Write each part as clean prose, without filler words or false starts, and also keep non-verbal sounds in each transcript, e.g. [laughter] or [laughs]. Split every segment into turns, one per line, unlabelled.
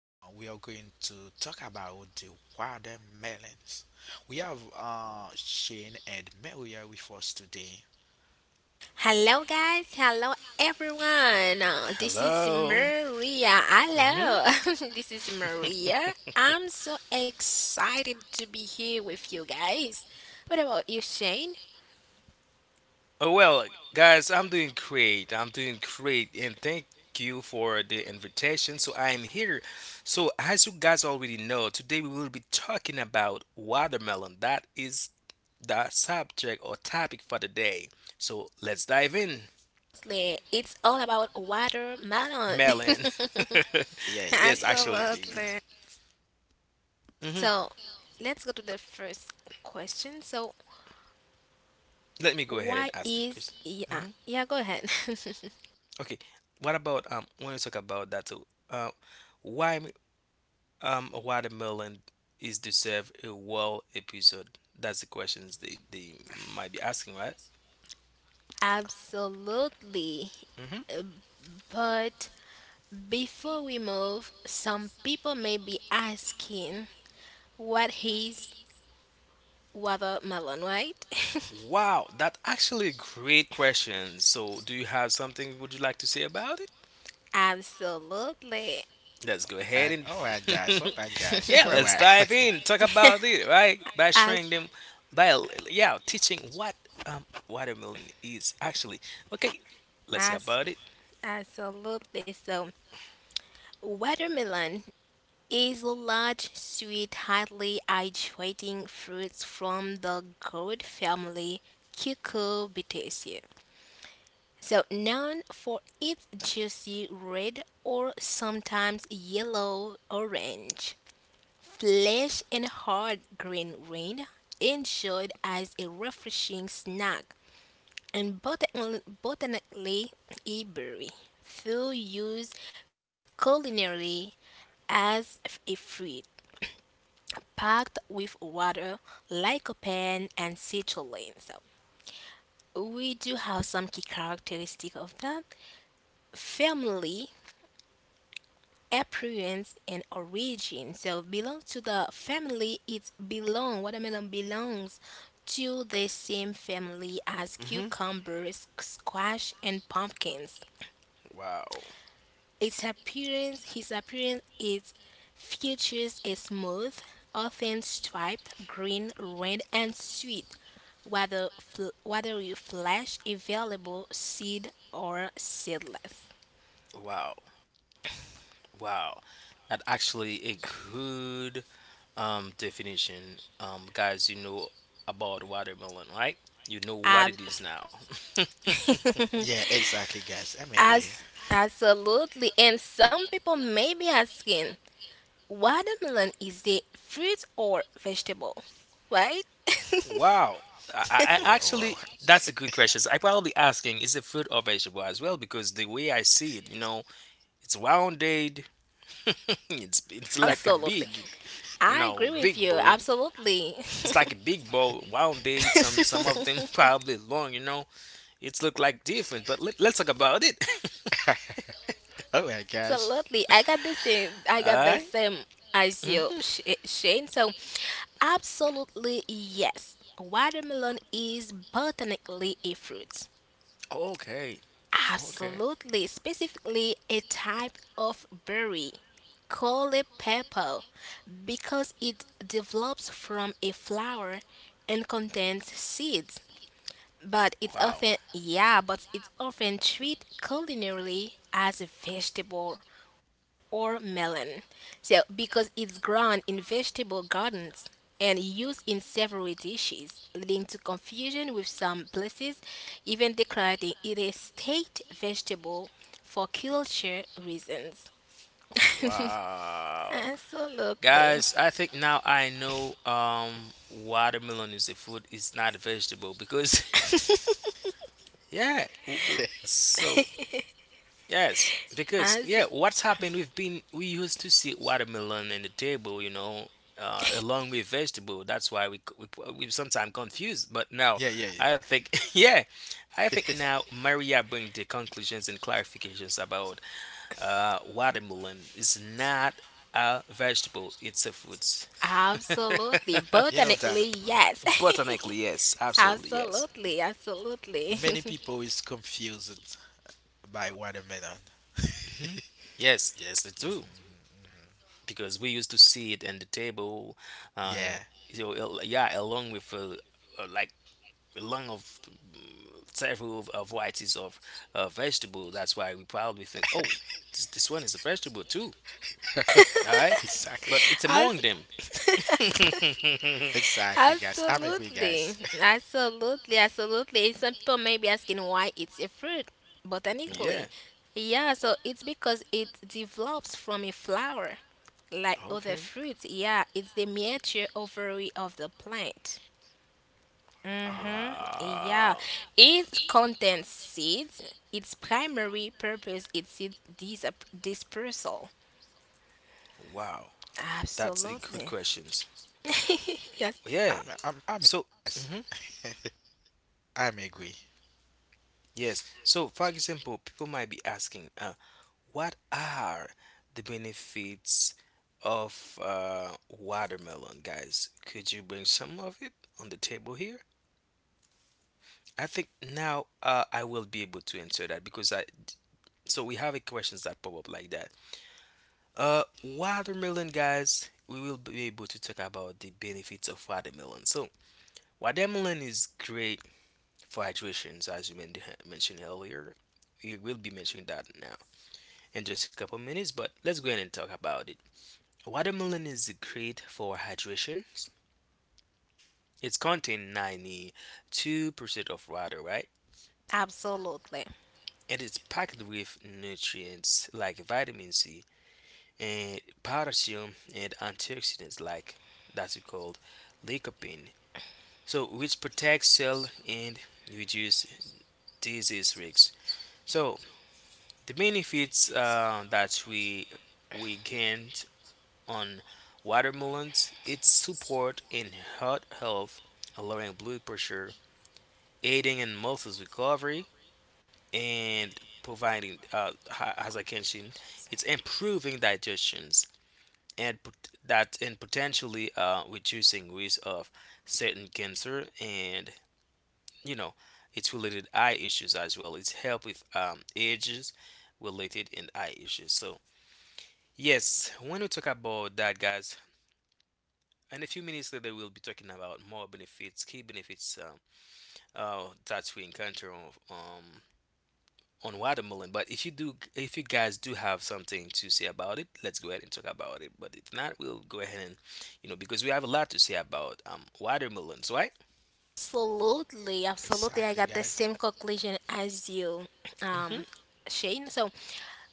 We are going to talk about the watermelons. We have Shane and Maria with us today.
Hello, guys. Hello, everyone. This is
Hello.
Maria. Hello.
hmm
[laughs] This is Maria. I'm
[laughs]
so excited to be here with you guys. What about you, Shane?
Oh, well, guys, I'm doing great. I'm doing great. And thank you for the invitation. So I am here. So, as you guys already know, today we will be talking about watermelon. That is the subject or topic for the day. So let's dive in.
Absolutely. It's all about watermelon.
Melon.
[laughs]
Yeah,
[laughs]
yeah,
Yes,
yeah,
actually, it
Absolutely.
guys.
is.
[clears throat]
So,
Mm-hmm.
let's go to the first question. So,
Let me go ahead
why
and ask the
is.
question.
Yeah,
hmm
yeah, go ahead. [laughs]
Okay, what about when you talk about that too? Why watermelon is deserve a well episode? That's the questions they might be asking, right?
Absolutely.
hmm
But before we move, some people may be asking, what is watermelon, right?
Wow, that actually a great question. So, do you have something would you like to say about it?
[laughs] Absolutely.
Let's go ahead
Alright,
and
alright, guys.
[laughs]
Alright, guys.
yeah,
Where
[laughs]
let's
were?
dive
[laughs]
in talk about it, right? By showing
As,
them, by yeah, teaching what watermelon is actually. Okay, let's hear
as,
about it.
absolutely. So, watermelon is a large, sweet, highly hydrating fruit from the gourd family Cucurbitaceae. So, known for its juicy red or sometimes yellow orange. Flesh and hard green grain enjoyed as a refreshing snack and botanically Iberi. Few used culinarily as a fruit, packed with water, lycopene, and citrulline. So we do have some key characteristic of that. Family appearance and origin. So belong to the family it belong watermelon belongs to the same family as
hmm
cucumbers, squash and pumpkins.
Wow,
Its appearance his appearance is features a smooth, often striped green, red and sweet whether you flesh, available seed or seedless.
wow, wow. That actually a good definition, guys. You know about watermelon, right? You know
Ab-
what it is now. [laughs]
Yeah, exactly, guys. I'm agree.
As absolutely, and some people may be asking, watermelon is a fruit or vegetable, right? [laughs]
Wow. I, I Actually
Alright,
that's a good question. So I probably asking is it fruit or vegetable as well because the way I see it, you know, it's rounded. [laughs] It's like a
Absolutely,
big,
I
you
agree
know,
with you.
big bowl.
Absolutely. [laughs]
It's like a big bowl, rounded. Some of them [laughs]
Absolutely.
probably long. You know, it's look like different. But let's talk about it.
[laughs] guys.
I
[laughs] All
got the
right.
same as you,
Mm-hmm.
Shane. So, absolutely yes. Watermelon is botanically a fruit.
Okay. Okay.
Absolutely, specifically a type of berry called a purple because it develops from a flower and contains seeds, but it's
Wow.
often yeah, but it's often treated culinarily as a vegetable or melon. So because it's grown in vegetable gardens and used in several dishes, leading to confusion with some places even declaring it a state vegetable for culture reasons.
Wow.
Absolutely.
Guys, I think now I know watermelon is a food, it's not a vegetable because [laughs] yeah.
[laughs]
So, yes, because yeah,
As
what's happened we've been we used to see watermelon in the table, you know, along with vegetable. That's why we c- we, p- we sometimes confused, but now
Yeah, yeah, yeah.
I think [laughs] yeah, I think now Maria brings the conclusions and clarifications about watermelon is not a vegetable, it's a fruit.
absolutely.
[laughs] You know that
Botanically, yes.
[laughs] Botanically, yes,
[laughs]
absolutely, yes.
Absolutely, absolutely.
many people is confused by watermelon.
Yes, yes, they do.
Mhm.
Because we used to see it in the table,
Yeah,
uh, you know, yeah, along with like along of several varieties of vegetable. That's why we probably think, oh, this one is a vegetable too. All right,
[laughs] exactly.
but it's among them.
[laughs]
[laughs]
Exactly, guys. I'm agree,
Absolutely,
guys. [laughs]
absolutely, absolutely. Some people may be asking why it's a fruit
Yeah.
botanically. Yeah, so it's because it develops from a flower, like other
Okay.
fruits. Yeah, it's the mature ovary of the plant. Mm-hmm. Yeah,
Wow.
it contains seeds. Its primary purpose is dispersal.
Wow, that's a good
Absolutely.
question.
[laughs] Yes,
Oh, yeah.
Ah,
So,
guys.
mhm,
[laughs] I'm agree.
yes. So, for example, people might be asking, what are the benefits of watermelon, guys? Could you bring some of it on the table here? I think now I will be able to answer that because I. So we have a questions that pop up like that. Watermelon, guys. We will be able to talk about the benefits of watermelon. So watermelon is great for hydrations, as you mentioned earlier. We will be mentioning that now in just a couple minutes, but let's go ahead and talk about it. Watermelon is great for hydration. It's contain 92% of water, right?
absolutely.
And it's packed with nutrients like vitamin C and potassium and antioxidants like that's called lycopene. So which protects cell and reduce disease risks. So the benefits that we gained on watermelons, its support in heart health, lowering blood pressure, aiding in muscles recovery, and providing, as I mentioned, it's improving digestions that and potentially reducing risk of certain cancer and you know it's related eye issues as well. It's help with ages related and eye issues. So yes, when we talk about that, guys, and a few minutes later we'll be talking about more benefits, key benefits that we encounter on watermelon. But if you do, if you guys do have something to say about it, let's go ahead and talk about it. But if not, we'll go ahead and, you know, because we have a lot to say about watermelons, right?
Absolutely, absolutely. I
Exactly,
got the
guys.
same conclusion as you, um,
Mm-hmm.
Shane. So,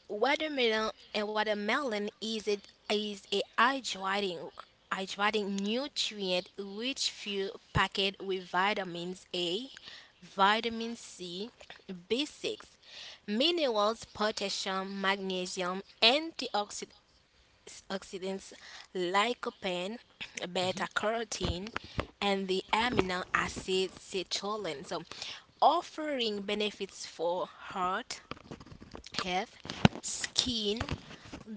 watermelon is a hydrating nutrient rich fuel packed with vitamins A, vitamin C, B6, minerals, potassium, magnesium, antioxidants lycopene, [clears throat] beta carotene,
Mm-hmm.
and the amino acid citrulline, so offering benefits for heart health, skin,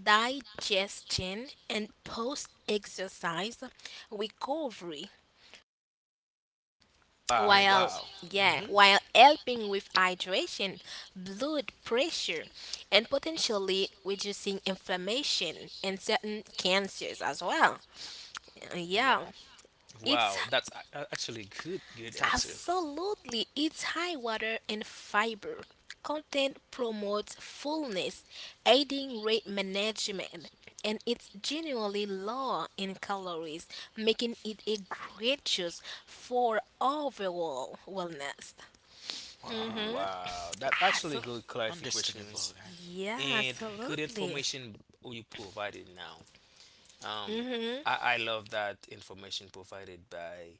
digestion, and post exercise recovery
Ah,
Right,
while
guys?
wow.
yeah,
Mm-hmm.
while
Mhm.
helping with hydration, blood pressure and potentially reducing inflammation and certain cancers as well.
Wow.
Yeah, it's
Wow, that's actually good, good
That's
answer.
good.
absolutely it's high water and fiber. Content promotes fullness, aiding weight management, and it's generally low in calories, making it a great choice for overall wellness.
Wow.
Mm-hmm.
Wow, that's actually
Absolutely.
good clarifications
Understandable, guys.
Yeah,
and good
absolutely.
information you provided now.
Mm-hmm.
Um, I love that information provided by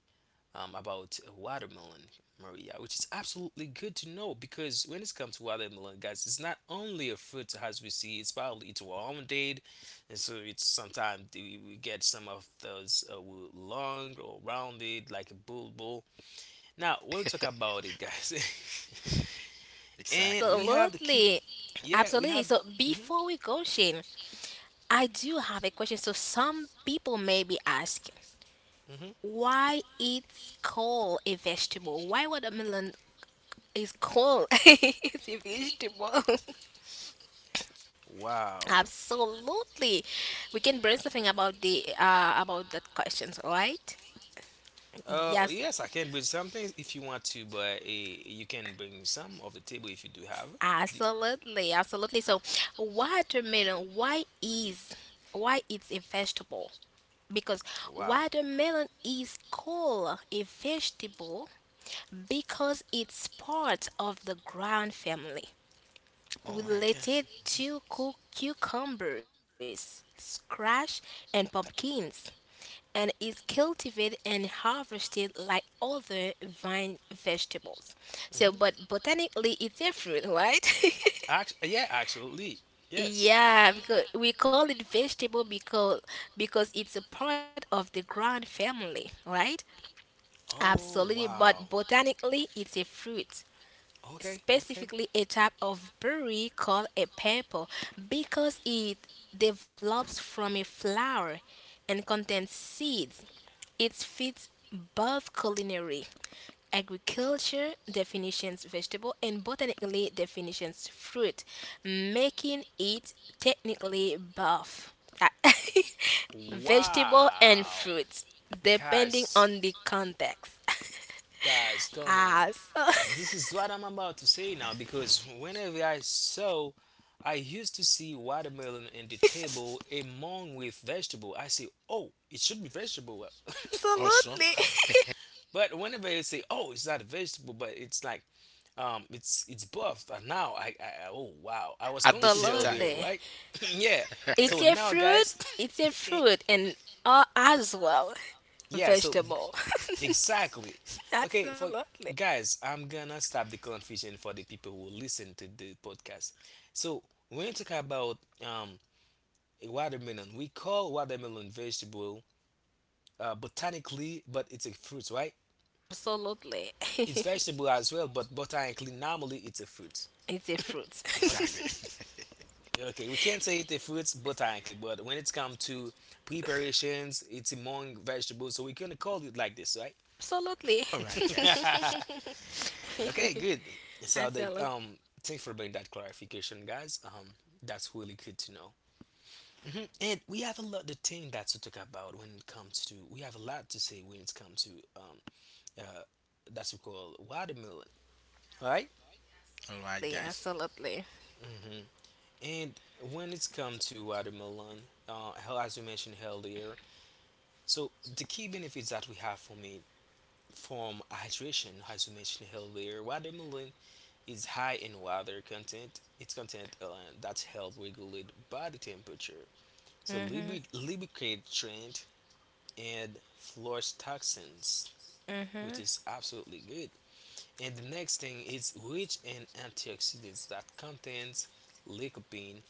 about watermelon, Maria, which is absolutely good to know because when it comes to watermelon, guys, it's not only a fruit as we see, it's probably it's warm date, and so it's sometimes we get some of those with long or rounded like a bulbul. Now, when we talk about it, guys. [laughs]
Exactly,
And we
guys.
have the key.
Absolutely.
Yeah, we
Absolutely.
have.
So
hmm
before we go, Shane, I do have a question. So some people may be asking
hmm
why it's called a vegetable. Why watermelon is called [laughs] it's a vegetable? [laughs]
Wow.
Absolutely, we can bring something about the about that questions, right? Yes,
Yes, I can bring some things if you want to, but you can bring some of the table if you do have. The,
absolutely, absolutely. So watermelon, why it's a vegetable? Because
wow.
watermelon is called a vegetable because it's part of the ground family,
All right, guys.
related to cucumbers, squash, and pumpkins, and is cultivated and harvested like other vine vegetables. So,
hmm
but botanically, it's a fruit, right?
Yeah, actually,
[laughs]
yes.
Yeah, because we call it vegetable because it's a part of the ground family, right?
Oh,
Absolutely, but
wow.
botanically, it's a fruit.
Okay, okay.
Specifically a type of berry called a purple because it develops from a flower and contains seeds. It fits both culinary, agriculture definitions vegetable and botanically definitions fruit, making it technically both [laughs] vegetable and
Wow.
fruit depending
Guys,
on the context.
guys,
[laughs]
come on.
Ah, so
This is what I'm about to say now because whenever I saw, I used to see watermelon in the
[laughs]
table among with vegetable. I say, oh, it should be vegetable.
Also,
absolutely.
[laughs] But whenever they say, oh, it's not a vegetable, but it's like, it's buff. And now oh wow, I was
at
[laughs]
the
confused
same time.
earlier,
Absolutely.
right? [clears throat] Yeah.
It's
So
a
now,
fruit,
guys,
it's
[clears throat]
a
[coughs] it,
fruit, and as well,
yeah, so
vegetable.
exactly.
[laughs]
Okay, for
Absolutely.
guys, I'm gonna stop the confusion for the people who listen to the podcast. So when you talk about a watermelon, we call watermelon vegetable botanically, but it's a fruit, right?
Absolutely.
It's
[laughs]
vegetable as well, but botanically, normally it's a fruit.
It's a fruit.
Okay,
Exactly. [laughs]
okay, we can't say it's a fruit botanically, but when it's come to preparations, it's among vegetables, so we're gonna call it like this, right?
[laughs] Absolutely.
All right,
[laughs]
guys.
Okay, good.
[laughs]
So the
Absolutely.
thanks for bringing that clarification, guys. That's really good to know. And we have a lot of thing that to talk about when it comes to. We have a lot to say when it comes to um, uh, that's we call watermelon, right?
All right, guys.
Absolutely.
And when it's come to watermelon, hell, as we mentioned earlier, so the key benefits that we have from it from hydration, as we mentioned earlier, watermelon is high in water content. Its content that help regulate body temperature. So lubricate trend and flush toxins,
Mm-mm.
which is absolutely good. And the next thing is rich in antioxidants that contains lycopene,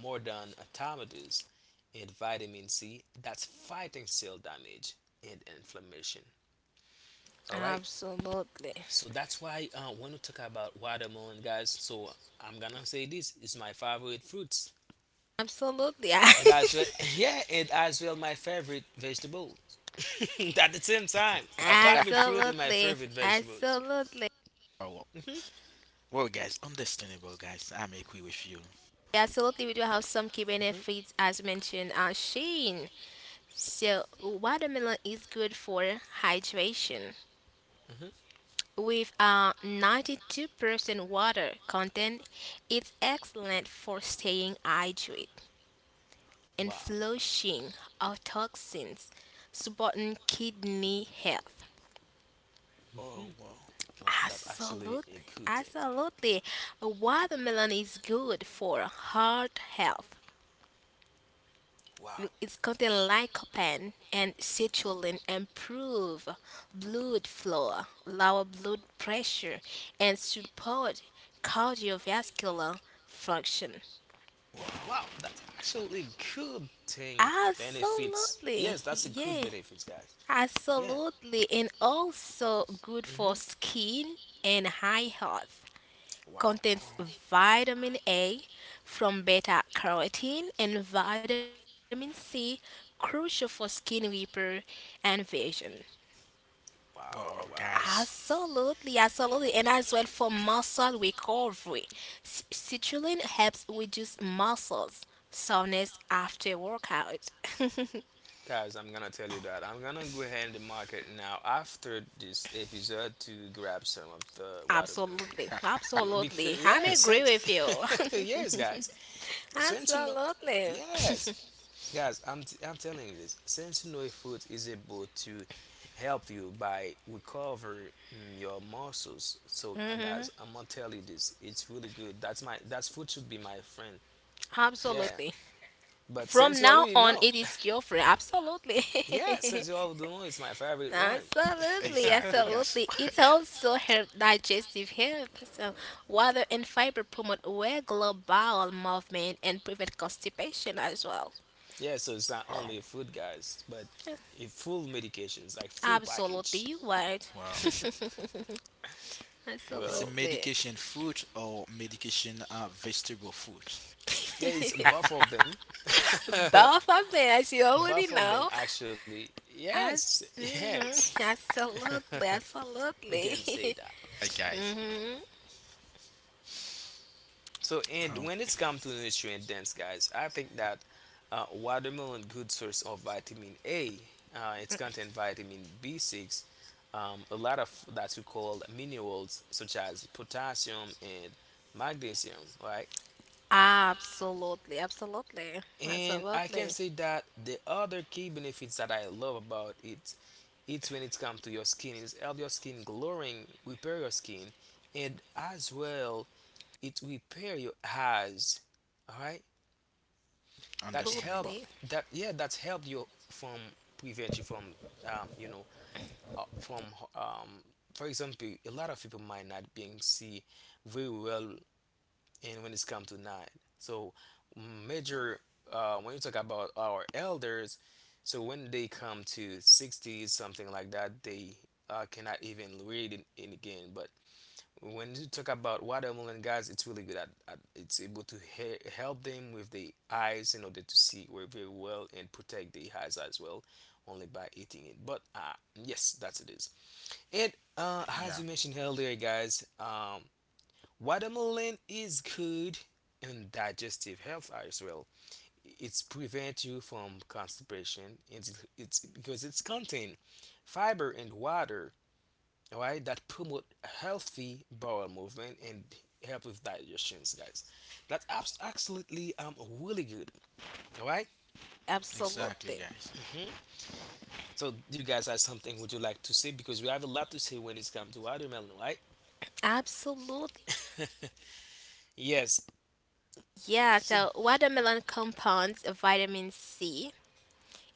more than tomatoes, and vitamin C that's fighting cell damage and inflammation. All right.
Absolutely.
So that's why when we talk about watermelon, guys, so I'm gonna say this is my favorite fruits,
Absolutely.
and as well, [laughs] yeah, and as well my favorite vegetable. [laughs] At the same time,
[laughs]
my favorite
[laughs]
fruit and my
Absolutely.
favorite vegetables.
Absolutely.
Oh, wow.
Mhm,
Well, guys, understandable, guys. I'm agree with you.
Yeah, absolutely. We do have some key benefits as mentioned, Shane. So, watermelon is good for hydration.
mhm.
With 92% water content, it's excellent for staying hydrated and
Wow,
flushing out toxins, supporting kidney health.
Oh, wow.
wow, that's actually
Absolutely.
a good thing.
Absolutely. Watermelon is good for heart health.
Wow,
It's contain lycopene and citrulline improve blood flow, lower blood pressure, and support cardiovascular function.
Wow.
wow, that's actually a good thing. Benefits,
Absolutely,
yes, that's a good
yeah,
benefits, guys. Yeah.
absolutely, and also good
hmm
for skin and eye health.
Wow.
Contains vitamin A from beta carotene and vitamin C, crucial for skin repair and vision.
Wow,
Wow,
wow.
guys.
Absolutely, absolutely, and as well for muscle recovery. Citrulline helps reduce muscles soreness after workout. [laughs]
Guys, I'm gonna tell you that. I'm gonna go ahead in the market now after this episode to grab some of the watermelon.
Absolutely,
Because
absolutely. I'm
yeah,
agree
since
with you.
[laughs] yes, guys,
[laughs]
since you know,
Absolutely. [laughs]
yes, guys, I'm telling you this. Since you know, food is able to help you by recover your muscles. So, guys,
Mhm.
I'm gonna tell you this. It's really good. That's food should be my friend. Yeah,
Absolutely.
but since
From
you
now
already
on,
know,
it is your friend.
[laughs] yeah,
Absolutely.
Since You
[laughs]
Love the Moon is my favorite one.
Absolutely,
Exactly,
[laughs]
guys.
absolutely. It's also help digestive health. So, water and fiber promote regular bowel movement and prevent constipation as well.
Yeah, so it's not
[laughs] Wow,
only food, guys, but a full medications, like full
Absolutely,
package.
you right.
wow.
[laughs]
[laughs]
It's a
Well,
Absolutely. [laughs]
medication food or medication vegetable food.
yeah, it's both of them. [laughs]
Both of them, as you already
Both of them,
know.
actually.
I,
Yes,
hmm
yes. [laughs]
absolutely,
We can say
absolutely.
that.
Right,
[laughs]
guys.
Hmm.
So, and
Um,
when it's come to nutrient dense, guys, I think that watermelon good source of vitamin A. It's contain vitamin B6, a lot of that we call minerals such as potassium and magnesium, right?
Absolutely, absolutely,
And I can
absolutely,
say that the other key benefits that I love about it, it's when it comes to your skin, it's help your skin glowing, repair your skin, and as well, it repair your eyes. All right, that
absolutely,
helped
Understandable.
that yeah that's helped you from prevent you from um, you know from um, for example, a lot of people might not being see very well, and when it's come to nine, so major, when you talk about our elders, so when they come to 60s something like that, they cannot even read it in again. But when you talk about watermelon, guys, it's really good at it's able to help them with the eyes in order to see very very well and protect the eyes as well, only by eating it. But uh, yes, that's it is. And uh,
Yeah,
as you mentioned earlier, guys, watermelon is good in digestive health as well. It's prevent you from constipation. It's because it's contain fiber and water, all right, that promote healthy bowel movement and help with digestions, guys. That's absolutely really good, all right.
exactly,
absolutely.
guys.
So you guys have something would you like to say, because we have a lot to say when it's come to watermelon, right?
Absolutely.
Yes.
Yeah,
So
so watermelon compounds vitamin C.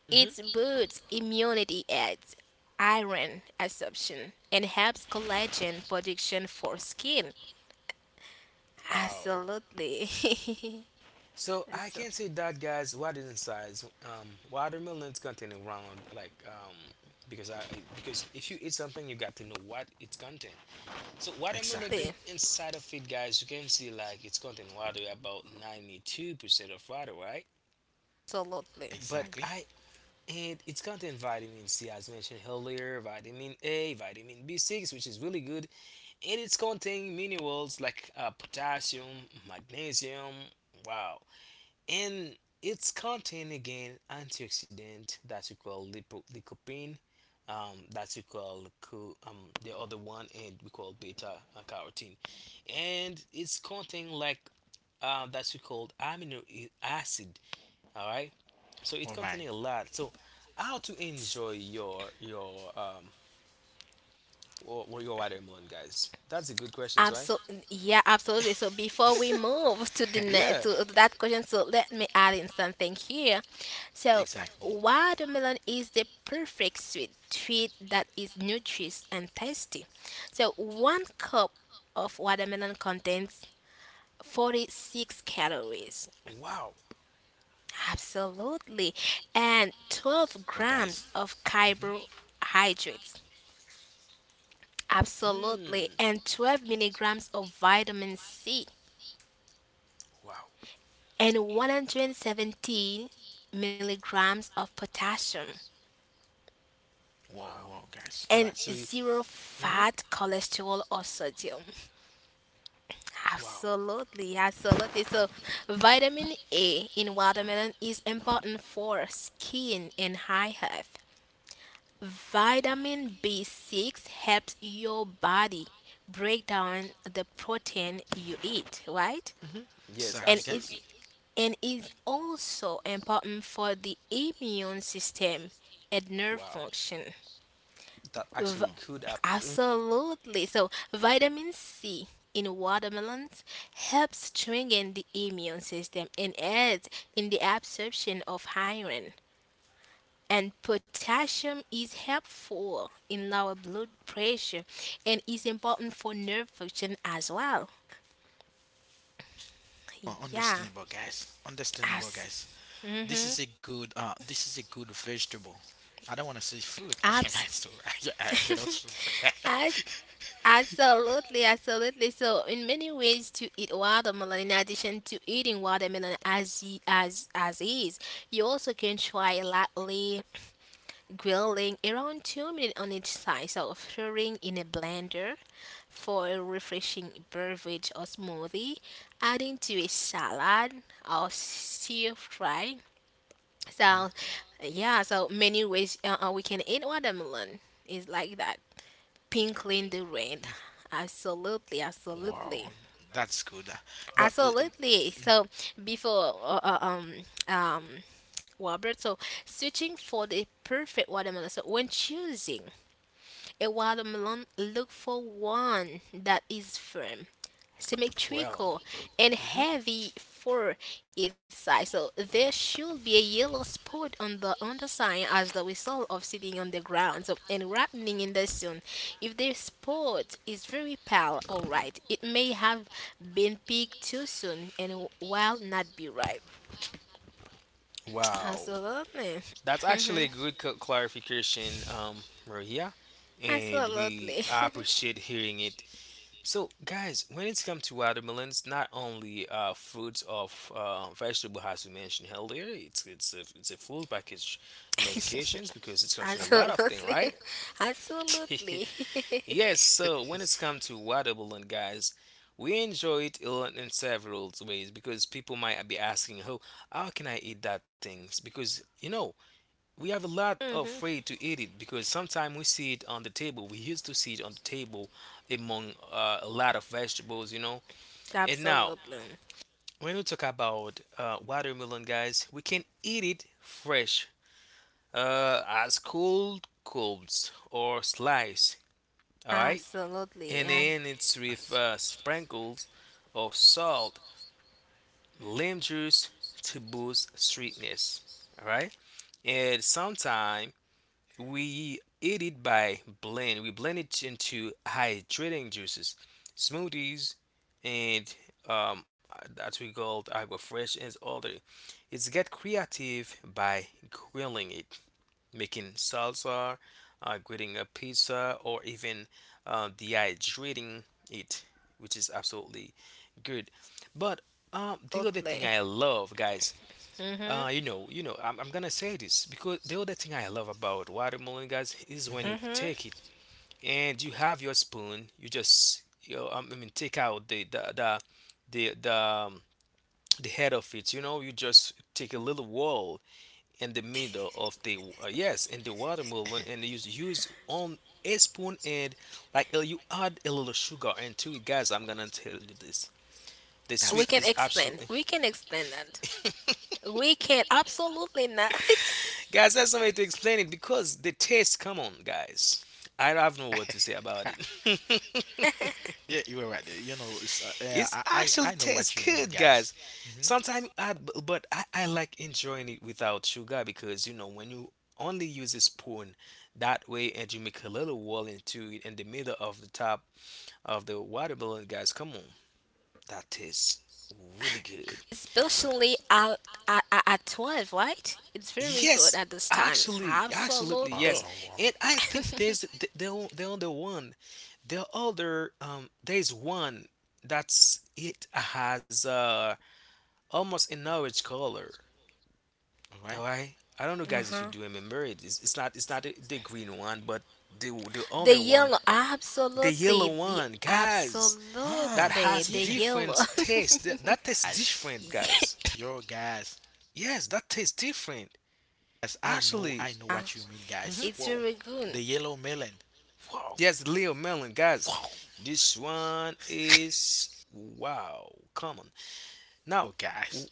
mhm.
It boosts immunity, adds iron absorption, and helps collagen production for skin.
Wow.
Absolutely. [laughs]
So I can
Absolutely.
say that, guys, what is inside, watermelons contain around like because I because if you eat something you got to know what it's contain. So watermelon
Exactly,
inside of it, guys, you can see like it's contain water about 92% of water, right?
Absolutely.
But
exactly.
I, and it's contain vitamin C, as mentioned earlier, vitamin A, vitamin B6, which is really good, and it's contain minerals like potassium, magnesium. Wow. And it's contain again antioxidant that you call lycopene, that you call, um, the other one, and we call beta, carotene. And it's contain like, that you called amino acid, all right. So it's
All right.
containing a lot. So how to enjoy or your watermelon, guys? That's a good question, right?
Absolutely, yeah, absolutely. So before we
This-
move to the next
Yeah.
to that question, so let me add in something here. So
Exactly.
watermelon is the perfect sweet treat that is nutritious and tasty. So one cup of watermelon contains 46 calories,
Wow.
absolutely, and 12
Oh, guys.
grams of
Hmm.
carbohydrates.
Mm.
Absolutely, and 12 milligrams of vitamin C,
Wow.
and 117 milligrams of potassium
Whoa,
Wow.
whoa, guys.
That
and
actually.
zero
Hmm.
fat cholesterol or sodium. [laughs]
Wow.
Absolutely, absolutely. So, vitamin A in watermelon is important for skin and eye health. Vitamin B6 helps your body break down the protein you eat, right?
Yes,
Exactly,
And
guys.
it
absolutely.
and is also important for the immune system and nerve
Wow.
function.
That
V-
actually
Whoa.
good apple. Mhm.
Absolutely. So, vitamin C in watermelons helps strengthen the immune system and aids in the absorption of iron. And potassium is helpful in lower blood pressure and is important for nerve function as well.
Oh,
Yeah.
understandable, guys. Understandable,
As.
guys. This
Hmm
is a good vegetable. I don't want to say
Abs.
fruit. [laughs] That's
[laughs]
too- [laughs] I cannot
As
fruit. [laughs]
Absolutely, absolutely. So, in many ways, to eat watermelon, in addition to eating watermelon as as is, you also can try lightly grilling around 2 minutes on each side. So, throwing in a blender for a refreshing beverage or smoothie, adding to a salad or stir fry.
Hmm?
So, yeah. So many ways we can eat watermelon is like that. Pinkly in the rain. Absolutely,
Wow,
absolutely,
that's good. But
absolutely. So before um Robert, so searching for the perfect watermelon. So when choosing a watermelon, look for one that is firm,
Well.
symmetrical and
Mhm.
heavy for its size. So there should be a yellow spot on the underside as the result of sitting on the ground. So and wrapping in the sun. If the spot is very pale or right, it may have been picked too soon and while not be ripe.
Wow. That's
Absolutely.
actually a good
Mhm.
clarification, Maria. And we I
Absolutely. [laughs]
appreciate hearing it. So, guys, when it's come to watermelons, not only fruits of vegetable, as we mentioned earlier, it's a full package medications because it's contains a lot of things,
Absolutely.
right?
[laughs] Absolutely.
[laughs]
[laughs]
Yes. So when it's come to watermelon, guys, we enjoy it in several ways because people might be asking, "Oh, how can I eat that things?" Because you know, we have a lot
Mhm.
afraid to eat it because sometimes we see it on the table. We used to see it on the table among a lot of vegetables, you know. And now,
Absolutely.
when we talk about watermelon, guys, we can eat it fresh, as cold cubes or slice. All right,
Absolutely,
and then it's with sprinkles of salt, lime juice to boost sweetness. All right, and sometimes we eat it by blend. We blend it into hydrating juices, smoothies, and um, that we call AquaFresh and other. It's get creative by grilling it, making salsa, grilling a pizza, or even dehydrating it, which is absolutely good. But the other thing
absolutely.
I love, guys,
Mhm,
you know, I'm gonna say this because the other thing I love about watermelon, guys, is
mhm,
when you
mhm.
take it and you have your spoon, you just, you know, I mean, take out the the, um, the head of it. You know, you just take a little wall in the middle of the yes, in the watermelon, and you use on a spoon and like you add a little sugar into it, guys. I'm gonna tell you this: the
We
that's
sweet
can
good.
is
explain.
absolutely.
We can explain that.
[laughs]
We can absolutely not. [laughs]
Guys, that's no way to explain it, because the taste, come on, guys. I don't have no word to say about it. [laughs]
Yeah, you were right. You know, it's,
It's
I
actually
I I know
tastes
what you mean,
good,
guys.
guys.
Mhm.
Sometimes but I like enjoying it without sugar because you know when you only use a spoon that way and you make a little wall into it in the middle of the top of the watermelon, guys. Come on, that tastes really
G-
good.
wa-
Especially at, 12, right? It's very good
Yes,
at this time.
actually, absolutely, yes.
Absolutely.
Wow, wow.
And I think
[laughs]
the other one, the other there's one that's it has almost an orange color.
All right.
All right, I don't know, guys, if
Uh-huh.
you do remember it. It's not the green one, but the
The
other one,
yellow.
the yellow
Absolutely. The
one, guys, that
Ah,
absolutely
has
the
yeah,
different
yellow.
taste. That tastes
guys.
[laughs]
different, guys.
Yeah,
Yo, guys.
Yes, that tastes different.
Guys,
Actually.
I know what you mean,
it's
guys.
Mm-hmm.
very
Whoa.
good.
The yellow melon. Wow,
Yes, Leo Melon, guys.
wow.
This one is wow, come on. Now,
Oh,
w-
guys.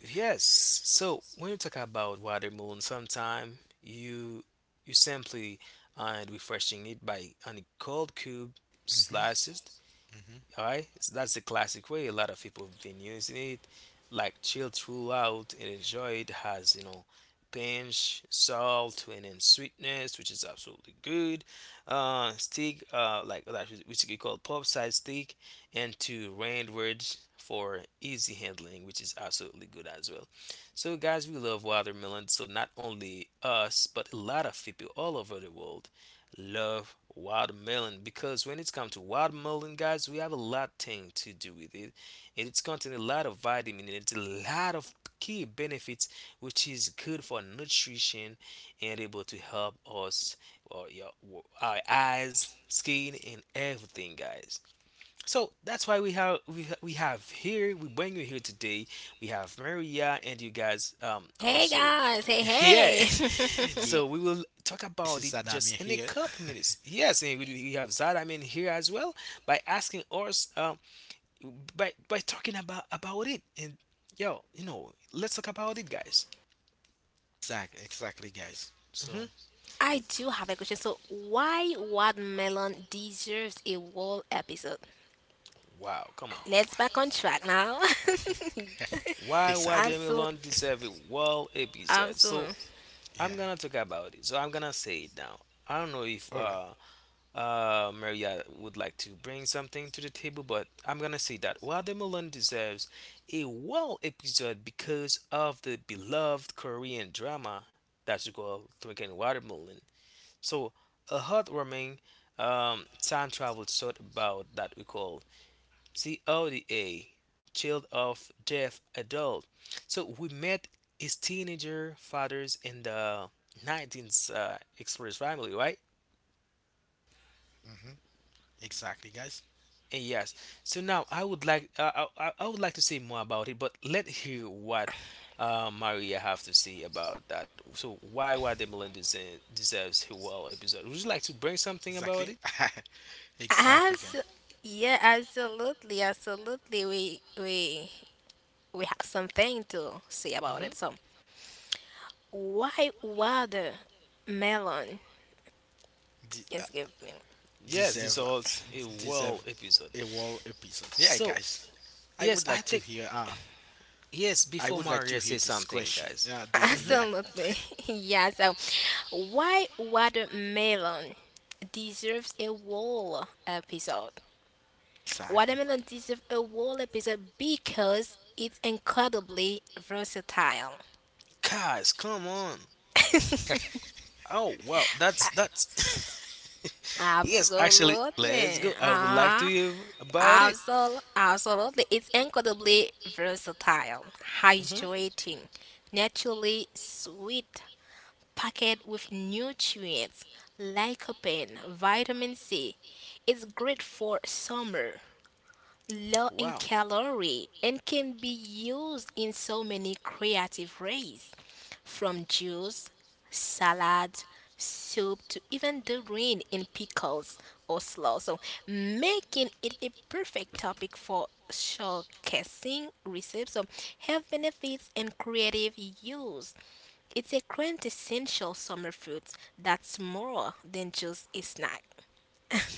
yes. So when you talk about watermelon, sometime you you simply and refreshing it by any cold cube
Hmm.
slices,
Hmm.
all right, so that's the classic way. A lot of people have been using it, like chill throughout and enjoy it. Has you know, pinch, salt, and then sweetness, which is absolutely good. Stick, like that, which we call pop side stick, and to round words for easy handling, which is absolutely good as well. So, guys, we love watermelon. So, not only us, but a lot of people all over the world love watermelon because when it's come to watermelon, guys, we have a lot thing to do with it, and it's contain a lot of vitamin and it's a lot of key benefits, which is good for nutrition and able to help us or your our eyes, skin, and everything, guys. So that's why we have we ha- we have here we bring you here today. We have Maria and you guys
Hey
also
guys. Hey
[laughs] yeah.
hey.
[laughs]
Yeah,
[laughs]
So we will talk
this is
about it
Sadamir
just in a
here. [laughs]
couple minutes. Yes, and we have Zadam in here as well by asking us by talking about it, and yo you know, let's talk about it, guys.
Exactly, exactly, guys. So,
Hmm.
I do have a question. So, why watermelon deserves a whole episode?
Wow, come on.
[laughs]
Let's back on track now. [laughs]
Why
exactly.
Absolutely,
watermelon deserve a world episode? So
absolutely,
Yeah.
I'm gonna talk about it. So I'm gonna say it now. I don't know if
All right.
uh, uh, Maria would like to bring something to the table, but I'm gonna say that Watermelon deserves a well episode because of the beloved Korean drama that's called Drinking Watermelon. So, a heartwarming time travel short about that we call CODA, Child of Death Adult. So, we met his teenager fathers in the 19th Express family, right?
Mm-hmm. Exactly, guys.
And yes. So now I would like I would like to say more about it, but let's hear what Maria have to say about that. So why the Melon deserves a well episode? Would you like to bring something about
Exactly.
it?
[laughs] exactly, guys.
Abso- yeah, absolutely, absolutely. We we have something to say about
Hmm.
it. So, why watermelon?
De- uh,
Excuse me.
Yes,
deserve,
this is a
Deserve
well
a
episode.
whole episode. Yeah,
So
guys. I would
yes,
like
I
to
think
hear.
yes.
I
Before
would like to
Maria
hear
say
this
something,
question.
guys. Hmm.
Yeah.
Absolutely, [laughs] yeah. So, why watermelon deserves a whole episode?
Exactly.
Watermelon deserves a whole episode because it's incredibly versatile.
Guys, come on.
[laughs]
[laughs]
Oh wow, that's [laughs] yes. Actually, let's
Absolutely.
go. I would like to hear about it.
Absolutely. It's incredibly versatile,
Hmm.
hydrating, naturally sweet, packed with nutrients, lycopene, vitamin C. It's great for summer, low in
Wow.
calorie and can be used in so many creative ways from juice, salad, soup to even doing in pickles or slaw. So making it a perfect topic for showcasing recipes of health benefits and creative use. It's a quintessential summer food that's more than just a snack.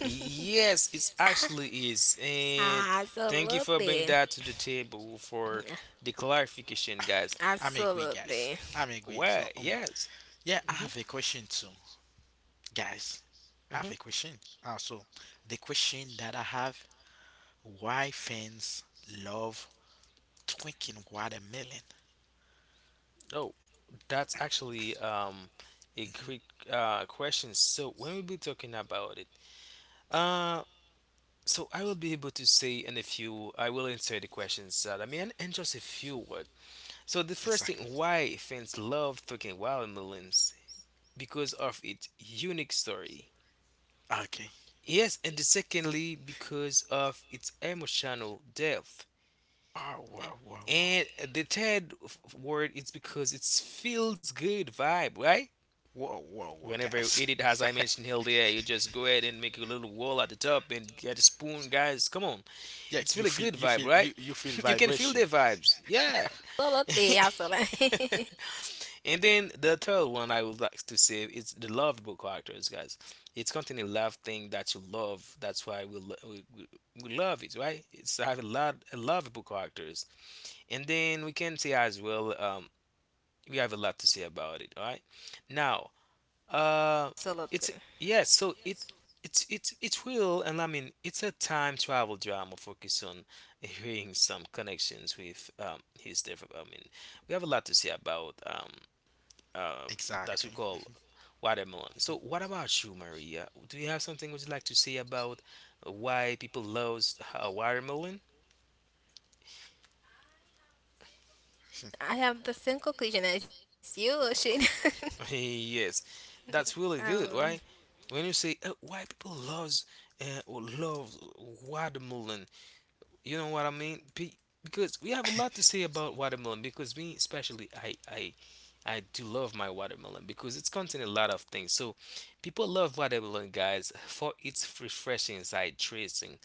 Yes, it actually is.
[laughs]
And thank you for bringing
Absolutely.
that to the table for the clarification, guys.
I'm agree, guys.
Absolutely.
I'm agree.
Well,
So,
yes.
yeah, I
Hmm.
have a question too. Guys, I have
Hmm.
a question. So the question that I have: why fans love twinking watermelon?
Oh, that's actually um, a great question. So when we be talking about it, uh, so I will be able to say in a few. I will answer the questions that I mean, and just a few words. So the first
Exactly.
thing, why fans love fucking watermelons, because of its unique story.
Okay.
Yes, and the secondly, because of its emotional depth.
Wow, wow, wow, wow,
And the third word is because it feels good vibe, right?
whoa, whoa, whoa,
Whenever you
guys.
eat it,
[laughs]
as I mentioned earlier, you just go ahead and make a little wall at the top and get a spoon, guys. Come on,
Yeah,
it's feel a good vibe, right?
you you feel
[laughs] You can feel
vibration.
the vibes, yeah.
Absolutely. Absolutely. [laughs]
[laughs] And then the third one I would like to say is the lovable characters, guys. It's content a love thing that you love. That's why we, lo- we love it, right? It's have a lot a lovable characters. And then we can say as well, we have a lot to say about it, all right? Now, uh,
Absolutely.
it's yes, so it's it will, and I mean it's a time travel drama focused on hearing some connections with his dev. I mean we have a lot to say about that we
Exactly.
call watermelon. So, what about you, Maria? Do you have something would you like to say about why people love watermelon?
I have the
[laughs]
same conclusion as you, Shane.
[laughs] Yes,
[laughs]
that's really
um,
good, right? When you say why people loves or love watermelon, you know what I mean? Because we have a lot to say about watermelon. Because me, especially, I do love my watermelon because it's contain a lot of things. So, people love watermelon, guys, for its refreshing, hydrating,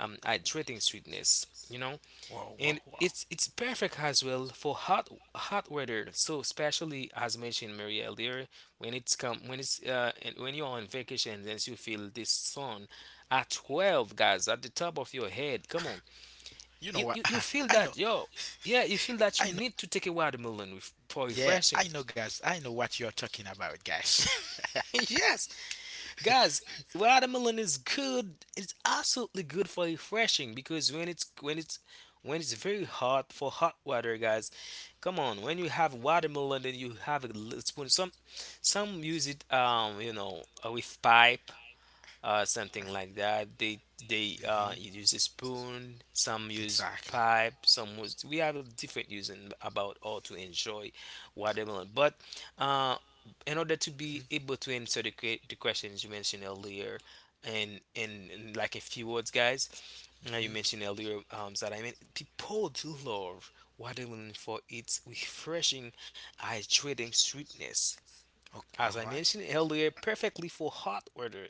hydrating sweetness. You know,
Wow, wow,
and
wow.
it's perfect as well for hot hot weather. So, especially as mentioned Maria earlier, when it's come when it's uh, and when you're on vacation, and you feel this sun at 12, guys, at the top of your head. Come on,
You know what?
you feel
[laughs] I know.
that yo, yeah, you feel that you
I know.
need to take a watermelon with, for
Yeah,
refreshing.
I know, guys. I know what you're talking about, guys.
[laughs] Yes, guys, watermelon is good, it's absolutely good for refreshing, because when it's very hot for hot water, guys, come on, when you have watermelon and you have a little spoon, some use it um, you know, with pipe, something like that.
[laughs]
They
Hmm.
use a spoon. Some use
Exactly.
pipe. Some use. We have a different using about how to enjoy watermelon. But uh, in order to be able to answer the questions you mentioned earlier, and in like a few words, guys. Now you
Hmm.
mentioned earlier that I mean people do love watermelon for its refreshing, hydrating sweetness.
Okay.
As
All
I
right.
mentioned earlier, perfectly for hot weather,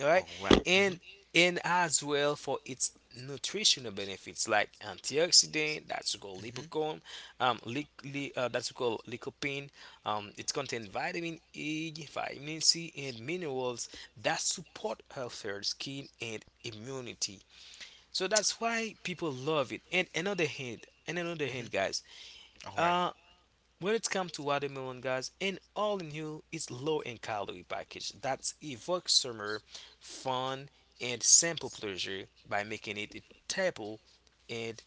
all right.
All right. Mm-hmm.
And and as well for its nutritional benefits, like antioxidant that's called
Mm-hmm.
lipocome, that's called lycopene. It contains vitamin E, vitamin C and minerals that support healthier skin and immunity. So that's why people love it. and another hand and another
Hmm.
hand guys,
All right.
when it comes to watermelon, guys, and all in, you is low in calorie package that evokes summer fun and simple pleasure by making it a table and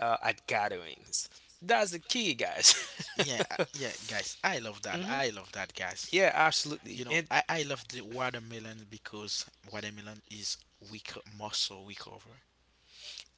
at gatherings. That's the key, guys.
Yeah. Yeah,
[laughs]
guys. I love that. I love that, guys.
yeah, absolutely.
You know,
And
I love the watermelon because watermelon is weak muscle recover.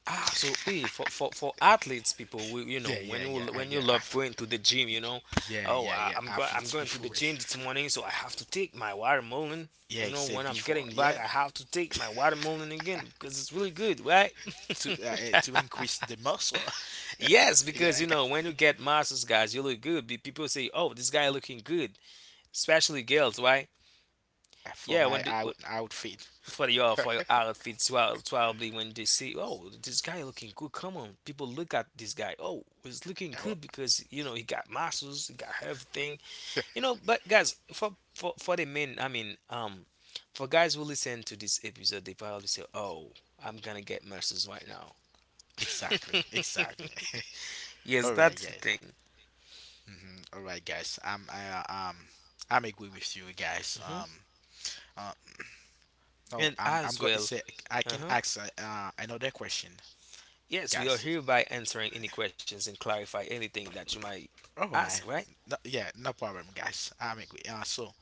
absolutely, for athletes, people, we, you know,
Yeah,
when
yeah,
you
yeah.
when you
Yeah.
love going to the gym, you know,
Yeah,
oh,
yeah,
I,
yeah.
I'm going I'm
Athletes
going to the
before.
gym
[laughs]
this morning, so I have to take my watermelon. You
Yeah,
know,
say
when I'm
before.
getting back,
Yeah,
I have to take my watermelon again because it's really good, right?
to increase the muscle.
[laughs] yes,
[laughs] Yeah,
because
I
you know,
guess.
when you get muscles, guys, you look good. People say, "Oh, this guy looking good," especially girls, right?
For
Yeah,
my
when the,
out outfit.
for your for
[laughs]
your outfits, well, probably when they see, oh, this guy looking good, come on, people, look at this guy, oh, he's looking
Yeah, well,
good because, you know, he got muscles, he got everything, you know. But guys, for the men, I mean, for guys who listen to this episode, they probably say, oh, I'm gonna get muscles right now.
exactly, exactly. [laughs]
Yes,
All right,
that's the
guys.
thing.
Hmm. All right, guys. I'm agree with you guys.
Hmm
Uh, no,
and
I'm
as
going to
well,
say I can
uh-huh
ask another question,
yes, we are
guys.
hereby answering any questions and clarify anything that you might
All
ask,
right.
right?
No, yeah, no problem, guys. I'm agree. So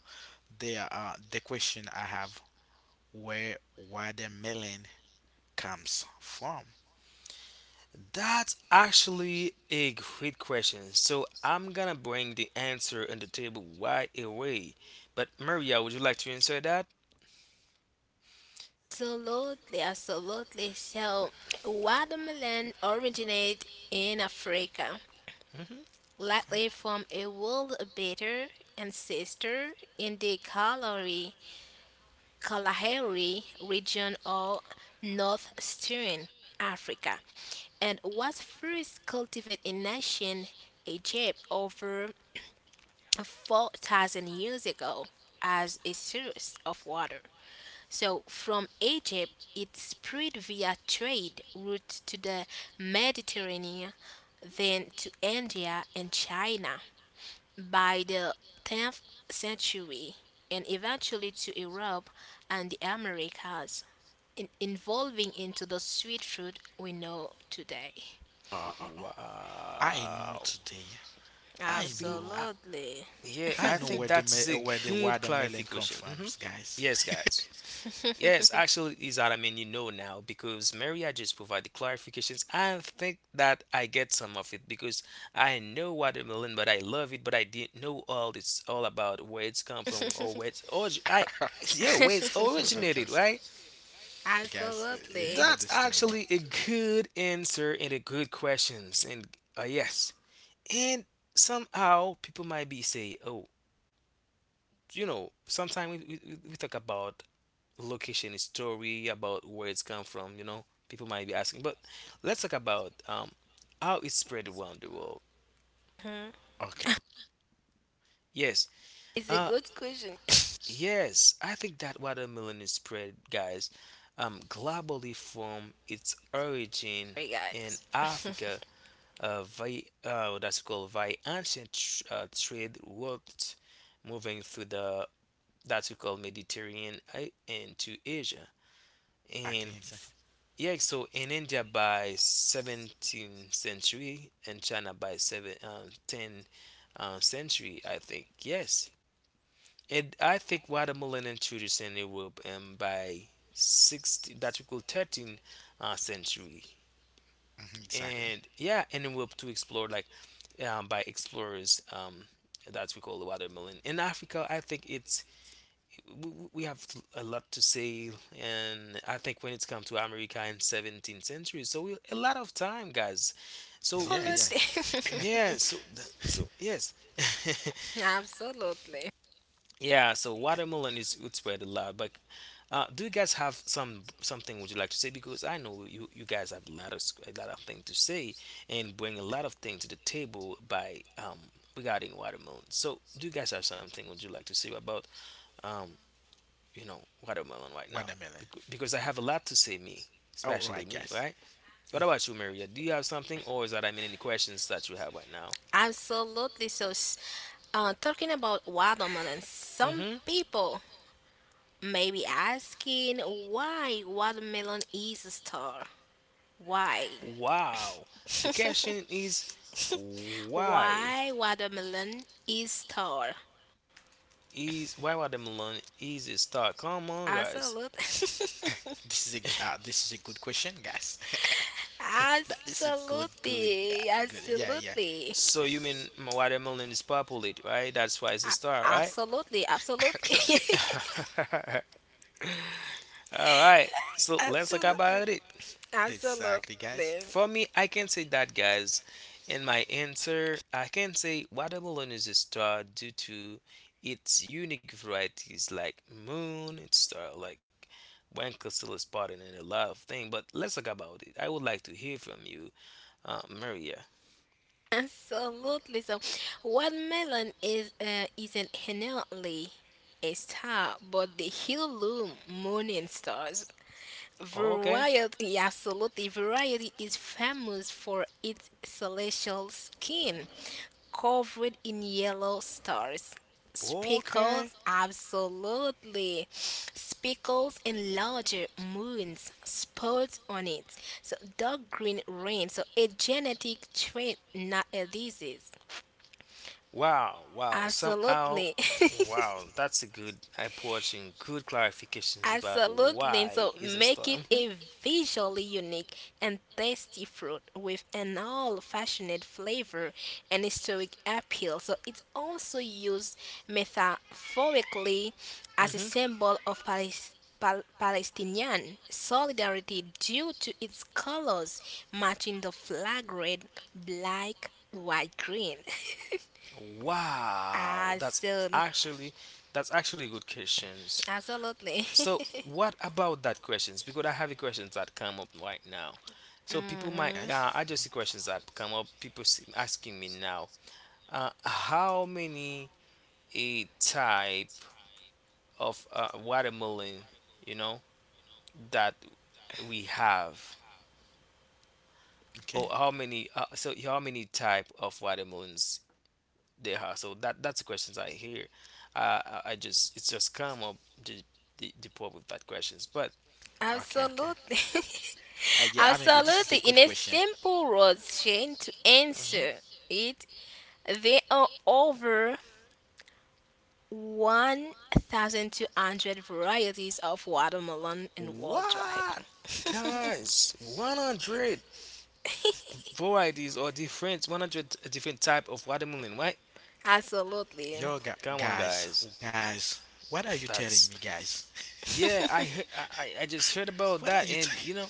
the question I have: where watermelon comes from.
That's actually a great question. So I'm gonna bring the answer on the table right away. But Maria, would you like to answer that?
absolutely. Absolutely. So, watermelon originate in Africa,
Hmm
likely from a world bitter ancestor in the Kalahari region of northeastern Africa, and was first cultivated in ancient Egypt over 4,000 years ago as a source of water. So, from Egypt, it spread via trade routes to the Mediterranean, then to India and China by the 10th century, and eventually to Europe and the Americas, evolving into the sweet fruit we know today.
Oh, I know
Wow.
today. I
I've been.
know.
Absolutely.
Yeah,
I
I
know
think
where
that's a
the
good
watermelon comes
clarification.
from,
Hmm
guys.
Yes, guys. Yes, actually, is that, I mean, you know now, because Mary, I just provide the clarifications. I think that I get some of it because I know watermelon, but I love it, but I didn't know all it's all about where it's come from or where it's orig- I
[laughs]
[laughs] yeah, where it's
[laughs]
originated,
Because
right?
guys,
Absolutely.
yeah,
That's
understandable.
actually a good answer and a good questions. And yes, and somehow people might be say, oh, you know, sometimes we talk about location story about where it's come from, you know, people might be asking. But let's talk about how it's spread around the world.
Okay,
Yes,
It's a
uh
yeah,
good question. [laughs]
yes, I think that watermelon is spread, guys, globally from its origin
Sorry,
in
guys.
Africa,
[laughs]
via that's called via ancient trade routes, moving through the, that's we call Mediterranean, and to Asia. And
exactly, exactly,
yeah, so in India by 17th century and China by 7, 10, century, I think. Yes. And I think watermelon introduced in Europe, by 16, that we call 13th century.
mhm, exactly.
And yeah, in Europe to explore, like, by explorers. That we call the watermelon in Africa, I think it's, we have a lot to say. And I think when it's come to America in 17th century, so a lot of time, guys, so
Yeah, yeah.
it's, yeah,
Absolutely.
so so yes. [laughs]
[laughs] Absolutely.
yeah, so watermelon is would spread a lot. But do you guys have some something would you like to say? Because I know you, you guys have a lot of a lot of things to say and bring a lot of things to the table by, regarding watermelon. So do you guys have something would you like to say about, um you know, watermelon
[laughs]
right now?
Watermelon.
Because I have a lot to say, me,
All
especially
right,
me,
guys.
right? What about you, Maria? Do you have something, or is that, I mean, any questions that you have right now?
Absolutely. So, talking about watermelon, some
Mm-hmm.
people may be asking why watermelon is a star. Why?
Wow. The
[laughs]
question is why,
Why watermelon is star?
is why watermelon is a star? Come on, guys.
Absolutely. [laughs]
This is a good question, guys. [laughs] That is a
Absolutely.
good. Yeah, yeah.
Absolutely.
So you mean watermelon is popular, right? That's why it's a star, right?
Absolutely. Absolutely.
[laughs]
[laughs] All right,
[laughs]
so let's talk
Absolutely.
about it.
Exactly,
Absolutely.
guys.
For me, I can say that, guys. In my answer, I can say watermelon is a star due to its unique varieties like moon, it's star like Lancaster is part in a lot of things. But let's talk about it. I would like to hear from you, Maria.
Absolutely. So, watermelon is isn't inherently a star, but the heirloom morning stars.
Okay,
Variety, absolutely. Variety is famous for its celestial skin, covered in yellow stars.
okay.
Speckles, absolutely. Speckles and larger moons, spots on it. So dark green rain. So a genetic trait, not a disease.
Wow, wow. Somehow,
Absolutely. [laughs]
wow. That's a good approach and good clarifications about
Absolutely.
why
So
is a
make
star.
it
Mhm,
a visually unique and tasty fruit with an all-fashioned flavor and historic appeal. So it's also used metaphorically as a
mhm.
symbol of Palestine. Palestinian solidarity due to its colors matching the flag red, black, white, green. [laughs]
Wow, that's
Absolutely.
actually, that's actually good questions.
Absolutely.
So,
[laughs]
what about that questions? Because I have a questions that come up right now. So people might,
Mhm.
Guys.
I just see questions that come up. People see- asking me now, how many a type of watermelon, you know, that we have, or
Okay.
how many so how many type of watermelons they have? So that, that's the questions I hear. I just, it's just come up the, the problem with that questions. But
Okay. Okay.
Absolutely. [laughs]
Yeah, I'm agree. This
Absolutely.
is a
In
good
a
question.
simple road chain to
Mhm.
answer it, there are over 1,200 varieties of watermelon in worldwide.
what,
[laughs]
guys, 100 varieties or different 100 different type of watermelon, right?
Absolutely.
Yo,
Come on,
guys,
guys.
guys, what are you telling
That's,
me, guys?
yeah, I I just heard
[laughs]
about
What are
that,
you
and
telling?
you know,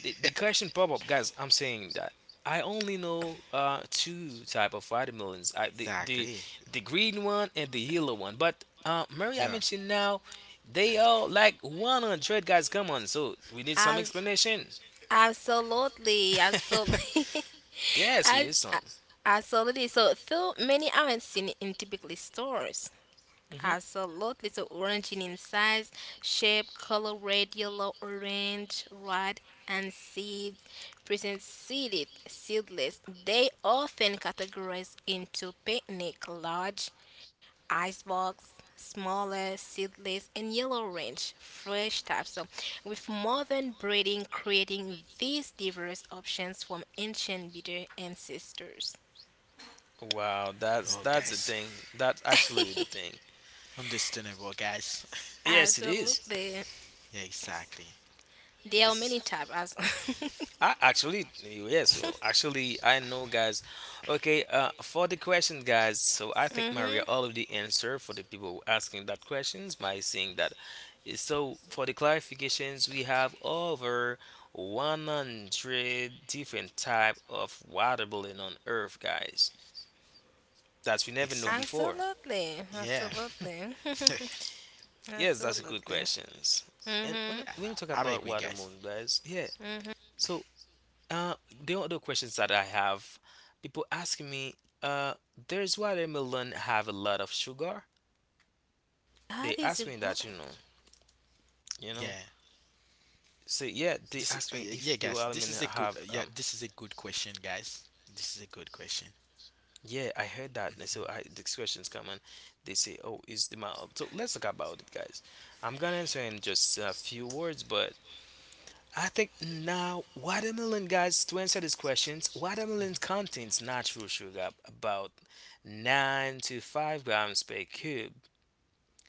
the question pop up, guys. I'm saying that I only know two type of vitamins. I,
Exactly.
the green one and the yellow one. But Mary, I
Yeah.
mentioned now they are like 100, guys. Come on, so we need some
As
explanation.
absolutely,
[laughs] yes, we need some.
[laughs] absolutely. So, though many aren't seen in typically stores,
Hmm
absolutely. So oranging in size, shape, color red, yellow, orange, red, and seeds. Present seeded, seedless. They often categorized into picnic, large, icebox, smaller, seedless, and yellow orange, fresh types. So with modern breeding creating these diverse options from ancient breeder ancestors.
Wow, that's
Oh,
that's the
guys,
thing. That's actually the thing.
understandable, guys.
Yes, it is.
Absolutely.
[laughs] Yeah, exactly.
There are
This
many
is
types as [laughs]
I, actually, yes, so actually I know, guys. Okay, for the question, guys, so I think Maria
mm-hmm.
already answered for the people asking that questions by saying that. So for the clarifications, we have over 100 different type of water balloon on earth, guys, that we never know
exactly.
before.
Absolutely.
Yeah.
Absolutely.
[laughs]
[laughs]
Yes, that's a good
Absolutely.
questions. And
Mm-hmm.
when
I-
when we talk
I'm
about
agree,
water
guys.
balloon, guys, yeah.
Mm-hmm.
So Uh, the other questions that I have, people ask me, uh, there's watermelon have a lot of sugar? They
That is
ask
a
me
good.
that, you know, you know.
Yeah.
So yeah, they
This is
ask me if
yeah,
the
guys. This
watermelon
is a good
have
yeah, this is a good question, guys. This is a good question.
Yeah, I heard that. And so I,
Mm-hmm.
these questions come, and they say, "Oh, is the mild?" So let's talk about it, guys. I'm gonna answer in just a few words, but I think now watermelon, guys, to answer these questions, watermelon contains natural sugar about 9 to 5 grams per cube.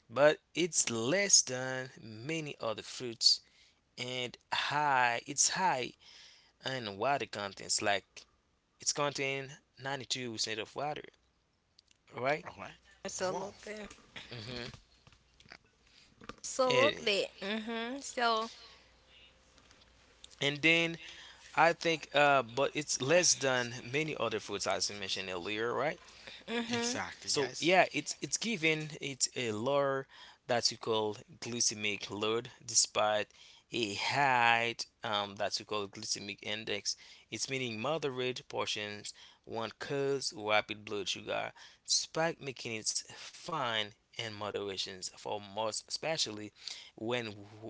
But it's less than many other fruits, and high, it's high in water contents, like it's contain 92% of water, right?
All right. Wow.
Absolutely.
and,
Absolutely. Mm-hmm. So,
and then I think, but it's less than many other fruits as I mentioned earlier, right?
mm-hmm.
Exactly,
So
guys.
yeah, it's given it a lower, that you call glycemic load despite a high, that you call glycemic index. It's meaning moderate portions won't cause rapid blood sugar spike, making it fine in moderations for most, especially when,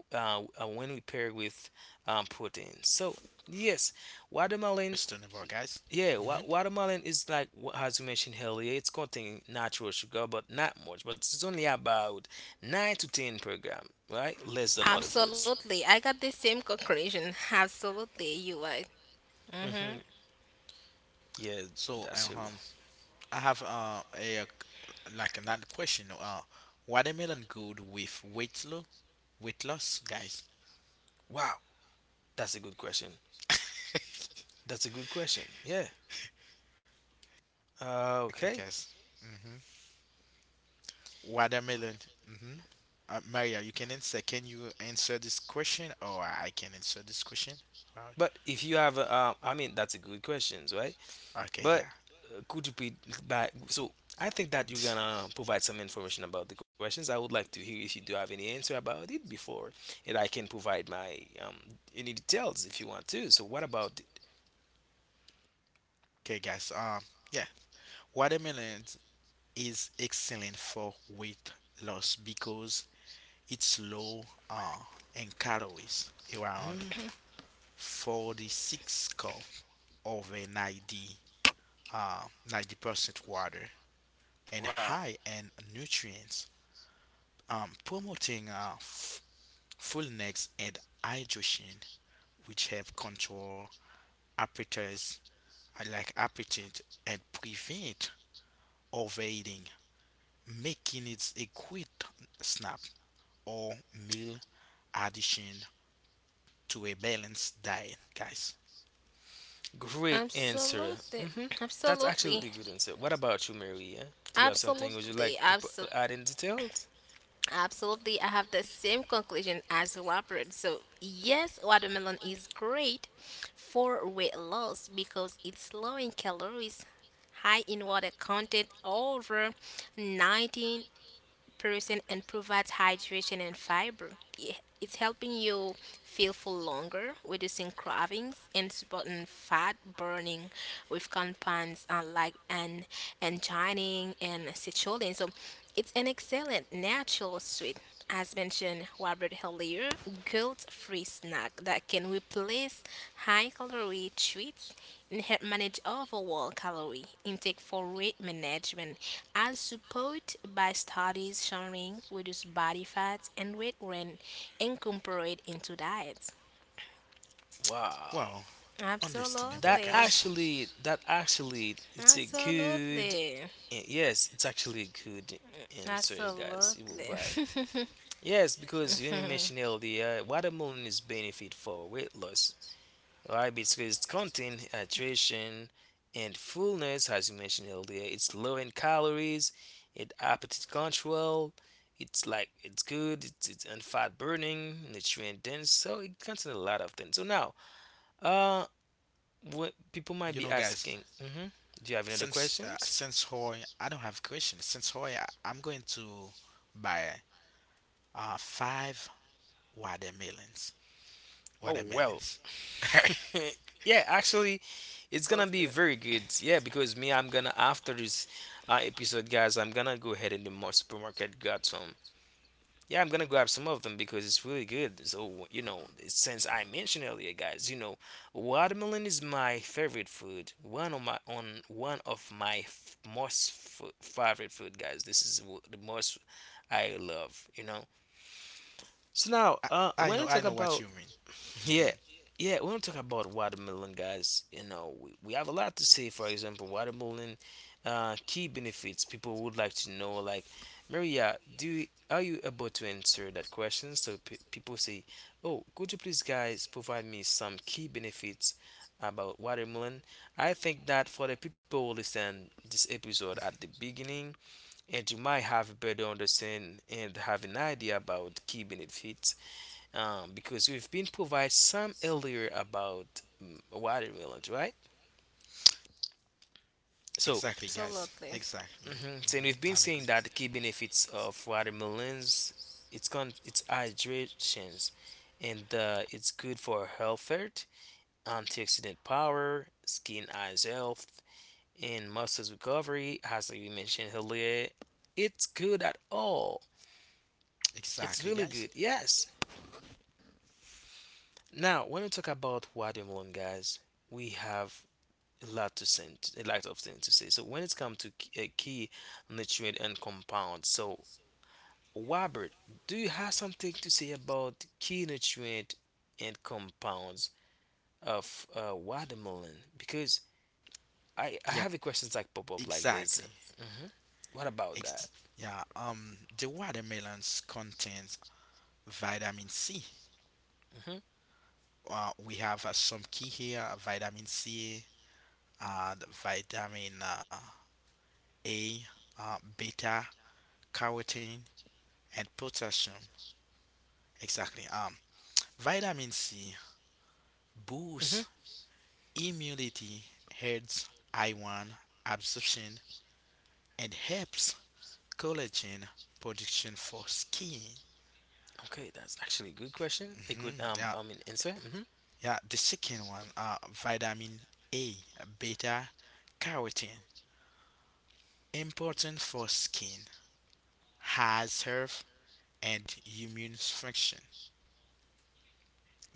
when we pair with, protein. So yes, watermelon,
Understandable, guys.
yeah,
Hmm.
watermelon is like, as you mentioned earlier, it's containing natural sugar, but not much. But it's only about 9 to 10 per gram, right? Less than other fruits.
Absolutely. I got the same conclusion. Absolutely. You right.
Hmm
Mm-hmm.
Yeah,
So,
that's really.
I have a like another question. Watermelon good with weight loss? Weight loss, guys. [laughs]
Wow, that's a good question. That's a good question. Yeah.
Exactly,
Okay.
guys. Mm-hmm. Watermelon. Mm-hmm. Maria, you can answer. Can you answer this question, or I can answer this question? Right.
But if you have, a, I mean, that's a good question, right?
Okay,
But
yeah.
could you be back? So I think that you're
This-
gonna provide some information about the questions. I would like to hear if you do have any answer about it before, and I can provide my, any details, if you want to. So what about it?
Okay, guys. Yeah. Watermelon is excellent for weight loss because it's low uh, in calories, around
Hmm
46 cal, over 90 uh, 90% water and
Wow,
high in nutrients, promoting fullness and hydration, which help control appetites, I like appetite, and prevent overeating, making it a quick snap or meal addition to a balanced diet, guys.
great answer.
Absolutely.
Hmm That's
Absolutely.
actually a good answer. What about you, Maria? Do you have something would you
Absolutely.
like to
Absolutely.
add in details?
Absolutely, I have the same conclusion as Robert. So, yes, watermelon is great for weight loss because it's low in calories, high in water content, over 19 person and provides hydration and fiber. Yeah, it's helping you feel full longer, reducing cravings, and supporting fat burning with compounds like an angining and citrulline. So it's an excellent natural sweet. As mentioned Robert earlier, guilt-free snack that can replace high-calorie treats and help manage overall calorie intake for weight management, as supported by studies showing reduce body fat and weight when incorporated into diets.
Wow.
Well, understandable,
Absolutely,
guys.
That actually, it's a good,
absolutely,
Yes, it's actually a good answer, guys. You were
absolutely,
right.
[laughs]
Yes, because you mentioned earlier, watermelon is benefit for weight loss. Right, because it's contain hydration and fullness, as you mentioned earlier. It's low in calories, it appetite control. It's like it's good. It's, and fat burning, nutrient dense. So it contains a lot of things. So now, uh, what people might
You
be
know, guys,
asking? Hmm do you have any other
since
questions?
since Hoy, I don't have question. Since Hoy, I'm going to buy five watermelons.
Oh, well,
Watermelons. [laughs] I,
[laughs] yeah, actually, it's gonna be
absolutely,
very good. Yeah, because me, I'm gonna after this episode, guys, I'm gonna go ahead in the supermarket grab some. Yeah, I'm gonna grab some of them because it's really good. So you know, since I mentioned earlier, guys, you know, watermelon is my favorite food. One of my most favorite food, guys. This is the most I love, you know. So now, when I
I
talk
know what
about,
you mean.
yeah,
Hmm.
yeah. We don't talk about watermelon, guys, you know, we have a lot to say. For example, watermelon, key benefits, people would like to know, like, Maria, do you, are you able to answer that question? So pe people say, oh, could you please, guys, provide me some key benefits about watermelon? I think that for the people who listen this episode at the beginning, and you might have a better understand and have an idea about key benefits, because we've been provided some earlier about watermelons, right? So,
Exactly, guys.
absolutely,
Exactly.
mhm, so we've
Hmm.
been
I'm
saying
agree.
that the key benefits of watermelons, it's hydrations, and it's good for health, antioxidant power, skin eyes health, and muscles recovery. As like we mentioned earlier, it's good at all. It's
Exactly,
really
guys.
good. Yes. Now, when we talk about watermelon, guys, we have a lot to say, a lot of things to say. So when it's come to key nutrient and compound, so Robert, do you have something to say about key nutrient and compounds of watermelon? Because I
Yeah,
have a questions like pop up like this.
exactly.
Hmm What about that?
Yeah. The watermelons contains vitamin C.
Hmm
We have some key here: vitamin C, the vitamin A, beta carotene, and potassium. Exactly. Vitamin C
hmm
boosts immunity, helps iron absorption, and helps collagen production for skin.
Okay, that's actually a good question. A good
Hmm. Yeah,
answer. Hmm
yeah. The second one, vitamin A, beta carotene, important for skin, has health and immune function.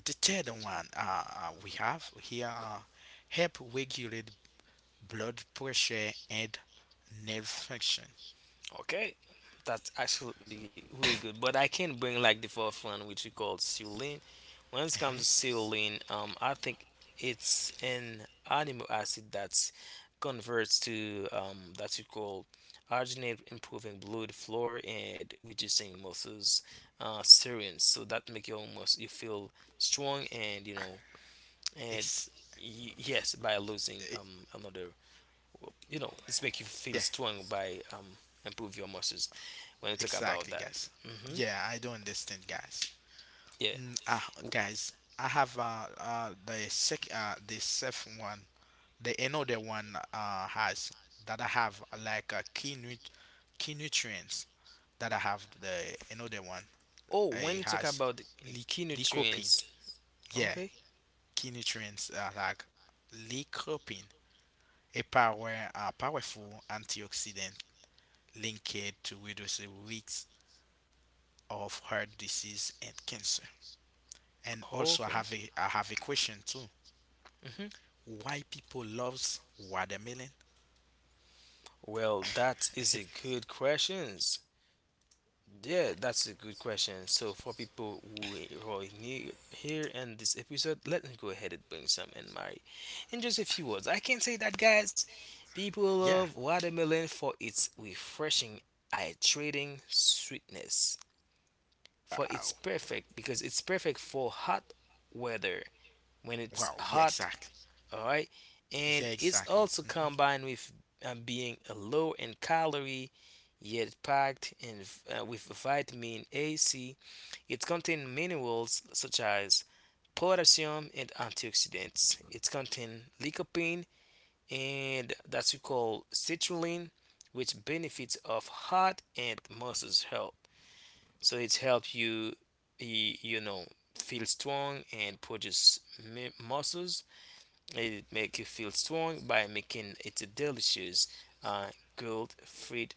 The third one we have here help regulate blood pressure, and nerve function.
Okay. That's actually really good, but I can bring like the fourth one, which we call Sulin. When it
Hmm.
comes to saline, I think it's an amino acid that converts to that you call arginine, improving blood flow and reducing muscles serines. So that make your muscle you feel strong and you know and
Ex-
yes, by losing
eh,
another, you know, it's make you feel
yeah,
strong by improve your muscles. When you talk about
exactly,
that,
guys.
hmm
Yeah, I don't understand, guys.
yeah.
Mm, guys, I have the second one, the another one has that I have key nutrients that I have the another one.
Oh, when you
It
talk
has
about the
li-
key
lycopene.
nutrients,
Yeah,
okay.
key nutrients like lycopene, a powerful antioxidant linked to reduce the risks of heart disease and cancer. And also,
Okay.
I have a question too.
hmm
Why people loves watermelon?
Well, that is a good question. Yeah, that's a good question. So for people who are new here in this episode, let me go ahead and bring some in my in just a few words. I can say that guys, people
Yeah.
love watermelon for its refreshing, hydrating sweetness. For it's
Wow.
perfect because it's perfect for hot weather. When it's
Wow. Yeah.
hot,
Exactly.
all right. And
Yeah.
it's
Exactly.
also
Hmm.
combined with being low in calorie yet packed in, with vitamin A, C. It contains minerals such as potassium and antioxidants. It contains lycopene and that's we call citrulline, which benefits of heart and muscles health. So it helps you, you know, feel strong and produce muscles, it make you feel strong by making it a delicious, uh, grilled fruit,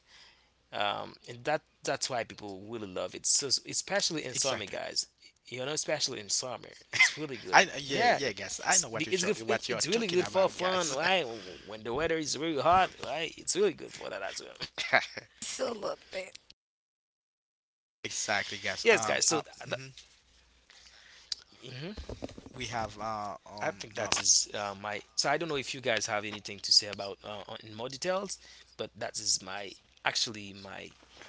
and that's why people really love it. So especially in summer,
Exactly.
guys, you know, especially in summer, it's really good.
I Yeah,
Yeah,
yeah, guys. I
it's,
know
it's good. it-
what you're
It's really
talking
good for
about,
fun,
guys.
right? When the weather is really hot, right? It's really
[laughs]
good for that as
absolutely.
well.
Exactly,
[laughs]
guys.
Yes, guys.
Mhm.
Th-
We have
I think that is my. So I don't know if you guys have anything to say about in more details, but that is my actually my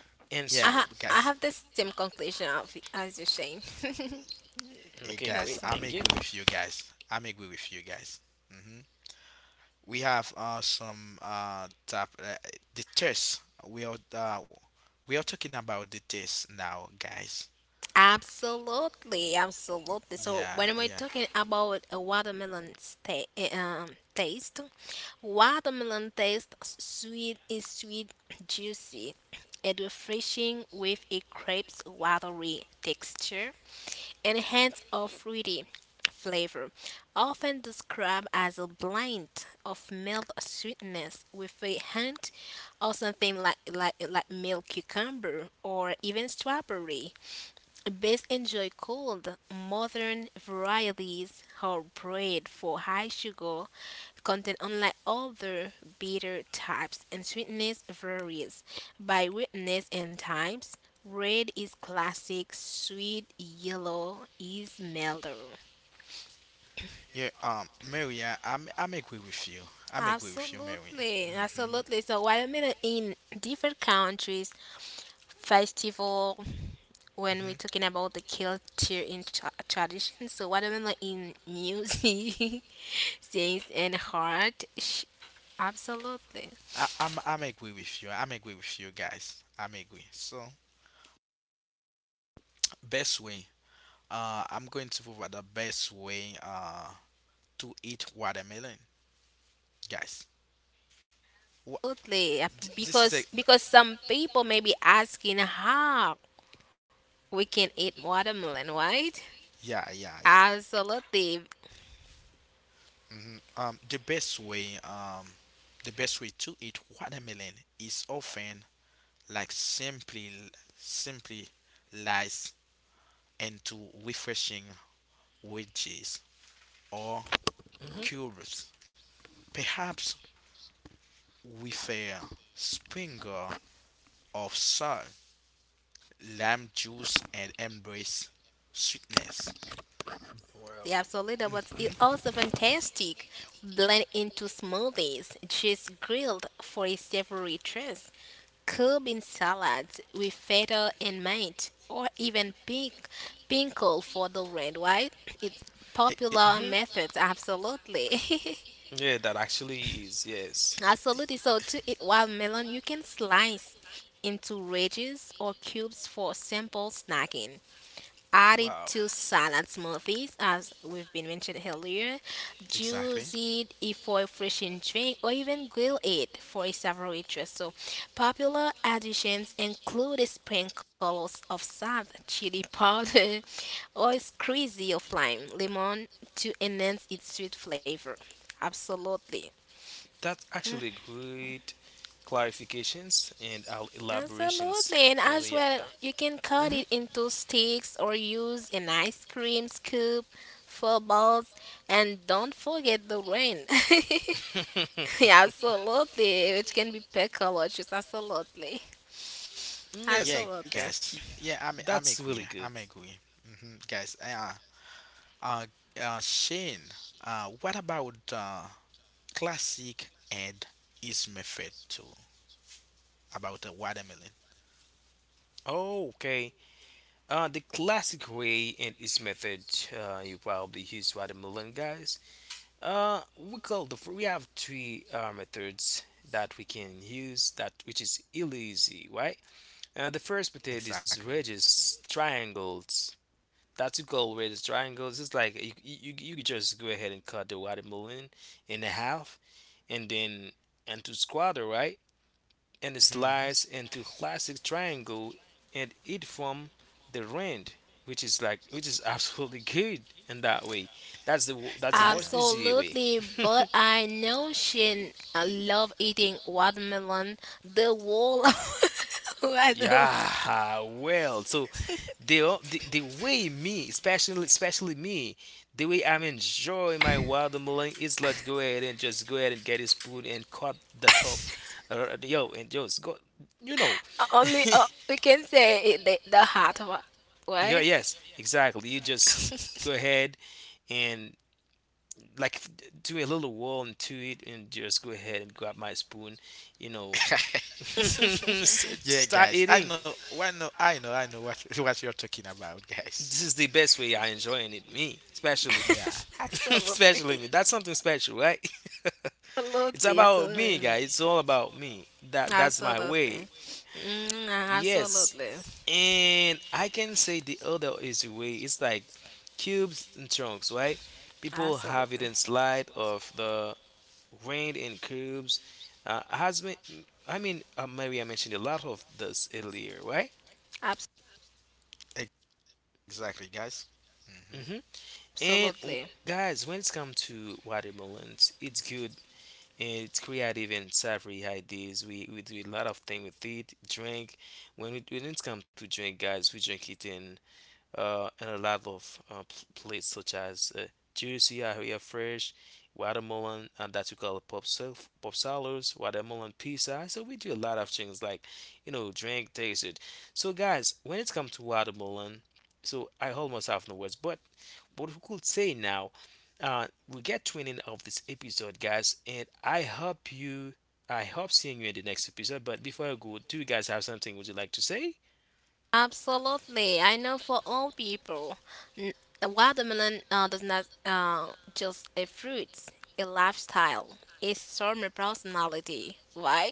I,
yeah,
ha-
answer.
I
guys,
have the same conclusion of, as you, Shane. [laughs]
Okay,
That's
guys,
all.
great,
I'm
thank you.
agree with you guys. I'm agree with you guys. Hmm. We have some tap the test. We are uh, we are talking about the test now, guys.
Absolutely, absolutely. So
Yeah,
when we're
yeah,
talking about a watermelon taste, watermelon taste sweet is sweet, juicy, and refreshing with a crisp, watery texture and hint of fruity flavor, often described as a blend of mild sweetness with a hint of something like milk cucumber or even strawberry. Best enjoy cold. Modern varieties are bred for high sugar content, unlike other bitter types, and sweetness varies by wetness and types. Red is classic, sweet yellow is mellow.
yeah. Maria, I'm agree with you. I'm agree with you, Maria.
Absolutely,
Hmm.
absolutely. So while I mean in different countries, festival when we're
Hmm.
talking about the culture in tradition. So what I mean like in music, [laughs] yes, and heart. Absolutely,
I'm agree with you. I'm agree with you guys. I'm agree. So best way. I'm going to provide the best way to eat watermelon, guys. Wha
absolutely.
this is a
Because some people may be asking how we can eat watermelon, right?
yeah yeah yeah,
Absolutely,
hmm, the best way, to eat watermelon is often like simply sliced into refreshing wedges or
Hmm
cubes, perhaps with a sprinkle of salt, lime juice, and embrace sweetness.
Wow.
the absolutely. But
Hmm.
it's also fantastic. Blend into smoothies, just grilled for a savory treat. Cooked in salads with feta and mint, or even pinkle for the red. Right? It's
E- e-
popular
hmm
methods. Absolutely. [laughs]
Yeah, that actually is
e,
yes.
Absolutely. So to
e,
eat watermelon, you can slice into wedges or cubes for simple snacking. Add it
Wow,
to salad smoothies, as we've been mentioned earlier.
exactly.
Juice it if for a refreshing drink, or even grill it for a savory. So popular additions include sprinkles of salt, chili powder, [laughs] or a squeeze of lime, lemon to enhance its sweet flavor. Absolutely.
that's actually great clarifications and elaborations,
Absolutely, and as well,
Maria.
you can cut
Hmm
it into sticks or use an ice cream scoop for balls. And don't forget the rain. [laughs] Yeah,
[laughs]
absolutely, which can be pickle or juice. Absolutely,
Yeah,
Yes,
absolutely,
guys. Yeah, I'm
that's
agree.
really
I'm
good.
agree. Hmm. Guys, uh, Shane, what about classic and his method too about the watermelon?
Oh, okay. The classic way and its method, you probably use to add guys. We call the we have three methods that we can use that which is really easy, right? The first method is
Exactly.
radius triangles. That's what we call radius triangles. It's like you could just go ahead and cut the watermelon in half and then into square, right? And
Hmm.
slice into classic triangle and eat from the rind, which is like which is [laughs] absolutely good in that way. That's the
Yeah, I
that's the most easy way.
absolutely. But
[laughs]
I know she love eating watermelon. The wall [laughs] watermelon.
Yeah, well, so the way me, especially me, the way I'm enjoying my watermelon is let's go ahead and just go ahead and get a spoon and cut the top, yo, and just go, you know,
Only we can say it, the hot one,
[laughs] yeah,
right?
yes, exactly. You just go ahead and like do a little wall into it and just go ahead and grab my spoon, you know.
know. [laughs]
[laughs]
Yeah,
Start
guys.
eating,
I know what [laughs] what you're talking about, guys.
this is the best way I enjoying it, me especially.
Yeah,
[laughs]
[laughs]
Absolutely.
Especially me,
[laughs]
that's something special, right? [laughs] It's
Absolutely. So,
about me guys, it's all about me, that's my
absolutely.
way.
Mm,
Yes,
absolutely.
and I can say the other is the way it's like cubes and chunks, right? People have it
Absolutely.
in slide of the rained in cubes. Has been, I mean, Mary, I mentioned a lot of this earlier, right?
ex- exactly, guys. Hmm.
hmm And
Absolutely.
guys, when it's come to watermelons, it's good and it's creative and savory ideas. We do a lot of things with it. Drink, when it's come to drink, guys, we drink it in and a lot of plates such as juicy area fresh, watermelon and that we call pop surf, pop salads, watermelon pizza. So we do a lot of things like you know drink tasted. So guys, when it comes to watermelon, so I almost have no words, but what we could say now. We get to an end of this episode, guys, and I hope you, I hope seeing you in the next episode. But before I go, do you guys have something would you like to say?
Absolutely. I know for all people, n- a watermelon does not just a fruit, a lifestyle, a summer personality. Why?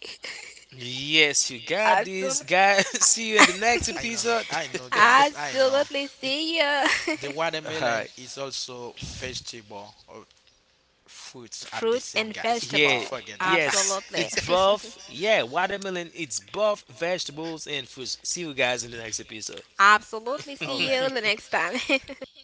Yes, you
[laughs]
got this,
Absolutely.
guys. [laughs] See you in the next
[laughs]
I know.
episode.
I know, guys. I know.
Absolutely.
It
See ya. [laughs]
The
[laughs]
watermelon
Alright.
is also vegetable, fruits at the
Fruits
same,
and
guys, don't
Yeah.
vegetable.
forget that. [laughs]
Yes,
Absolutely.
it's both. Yeah, watermelon. It's both vegetables and fruits. See you guys in the next episode.
[laughs] Absolutely.
All
See
right.
you
[laughs]
the next time. [laughs]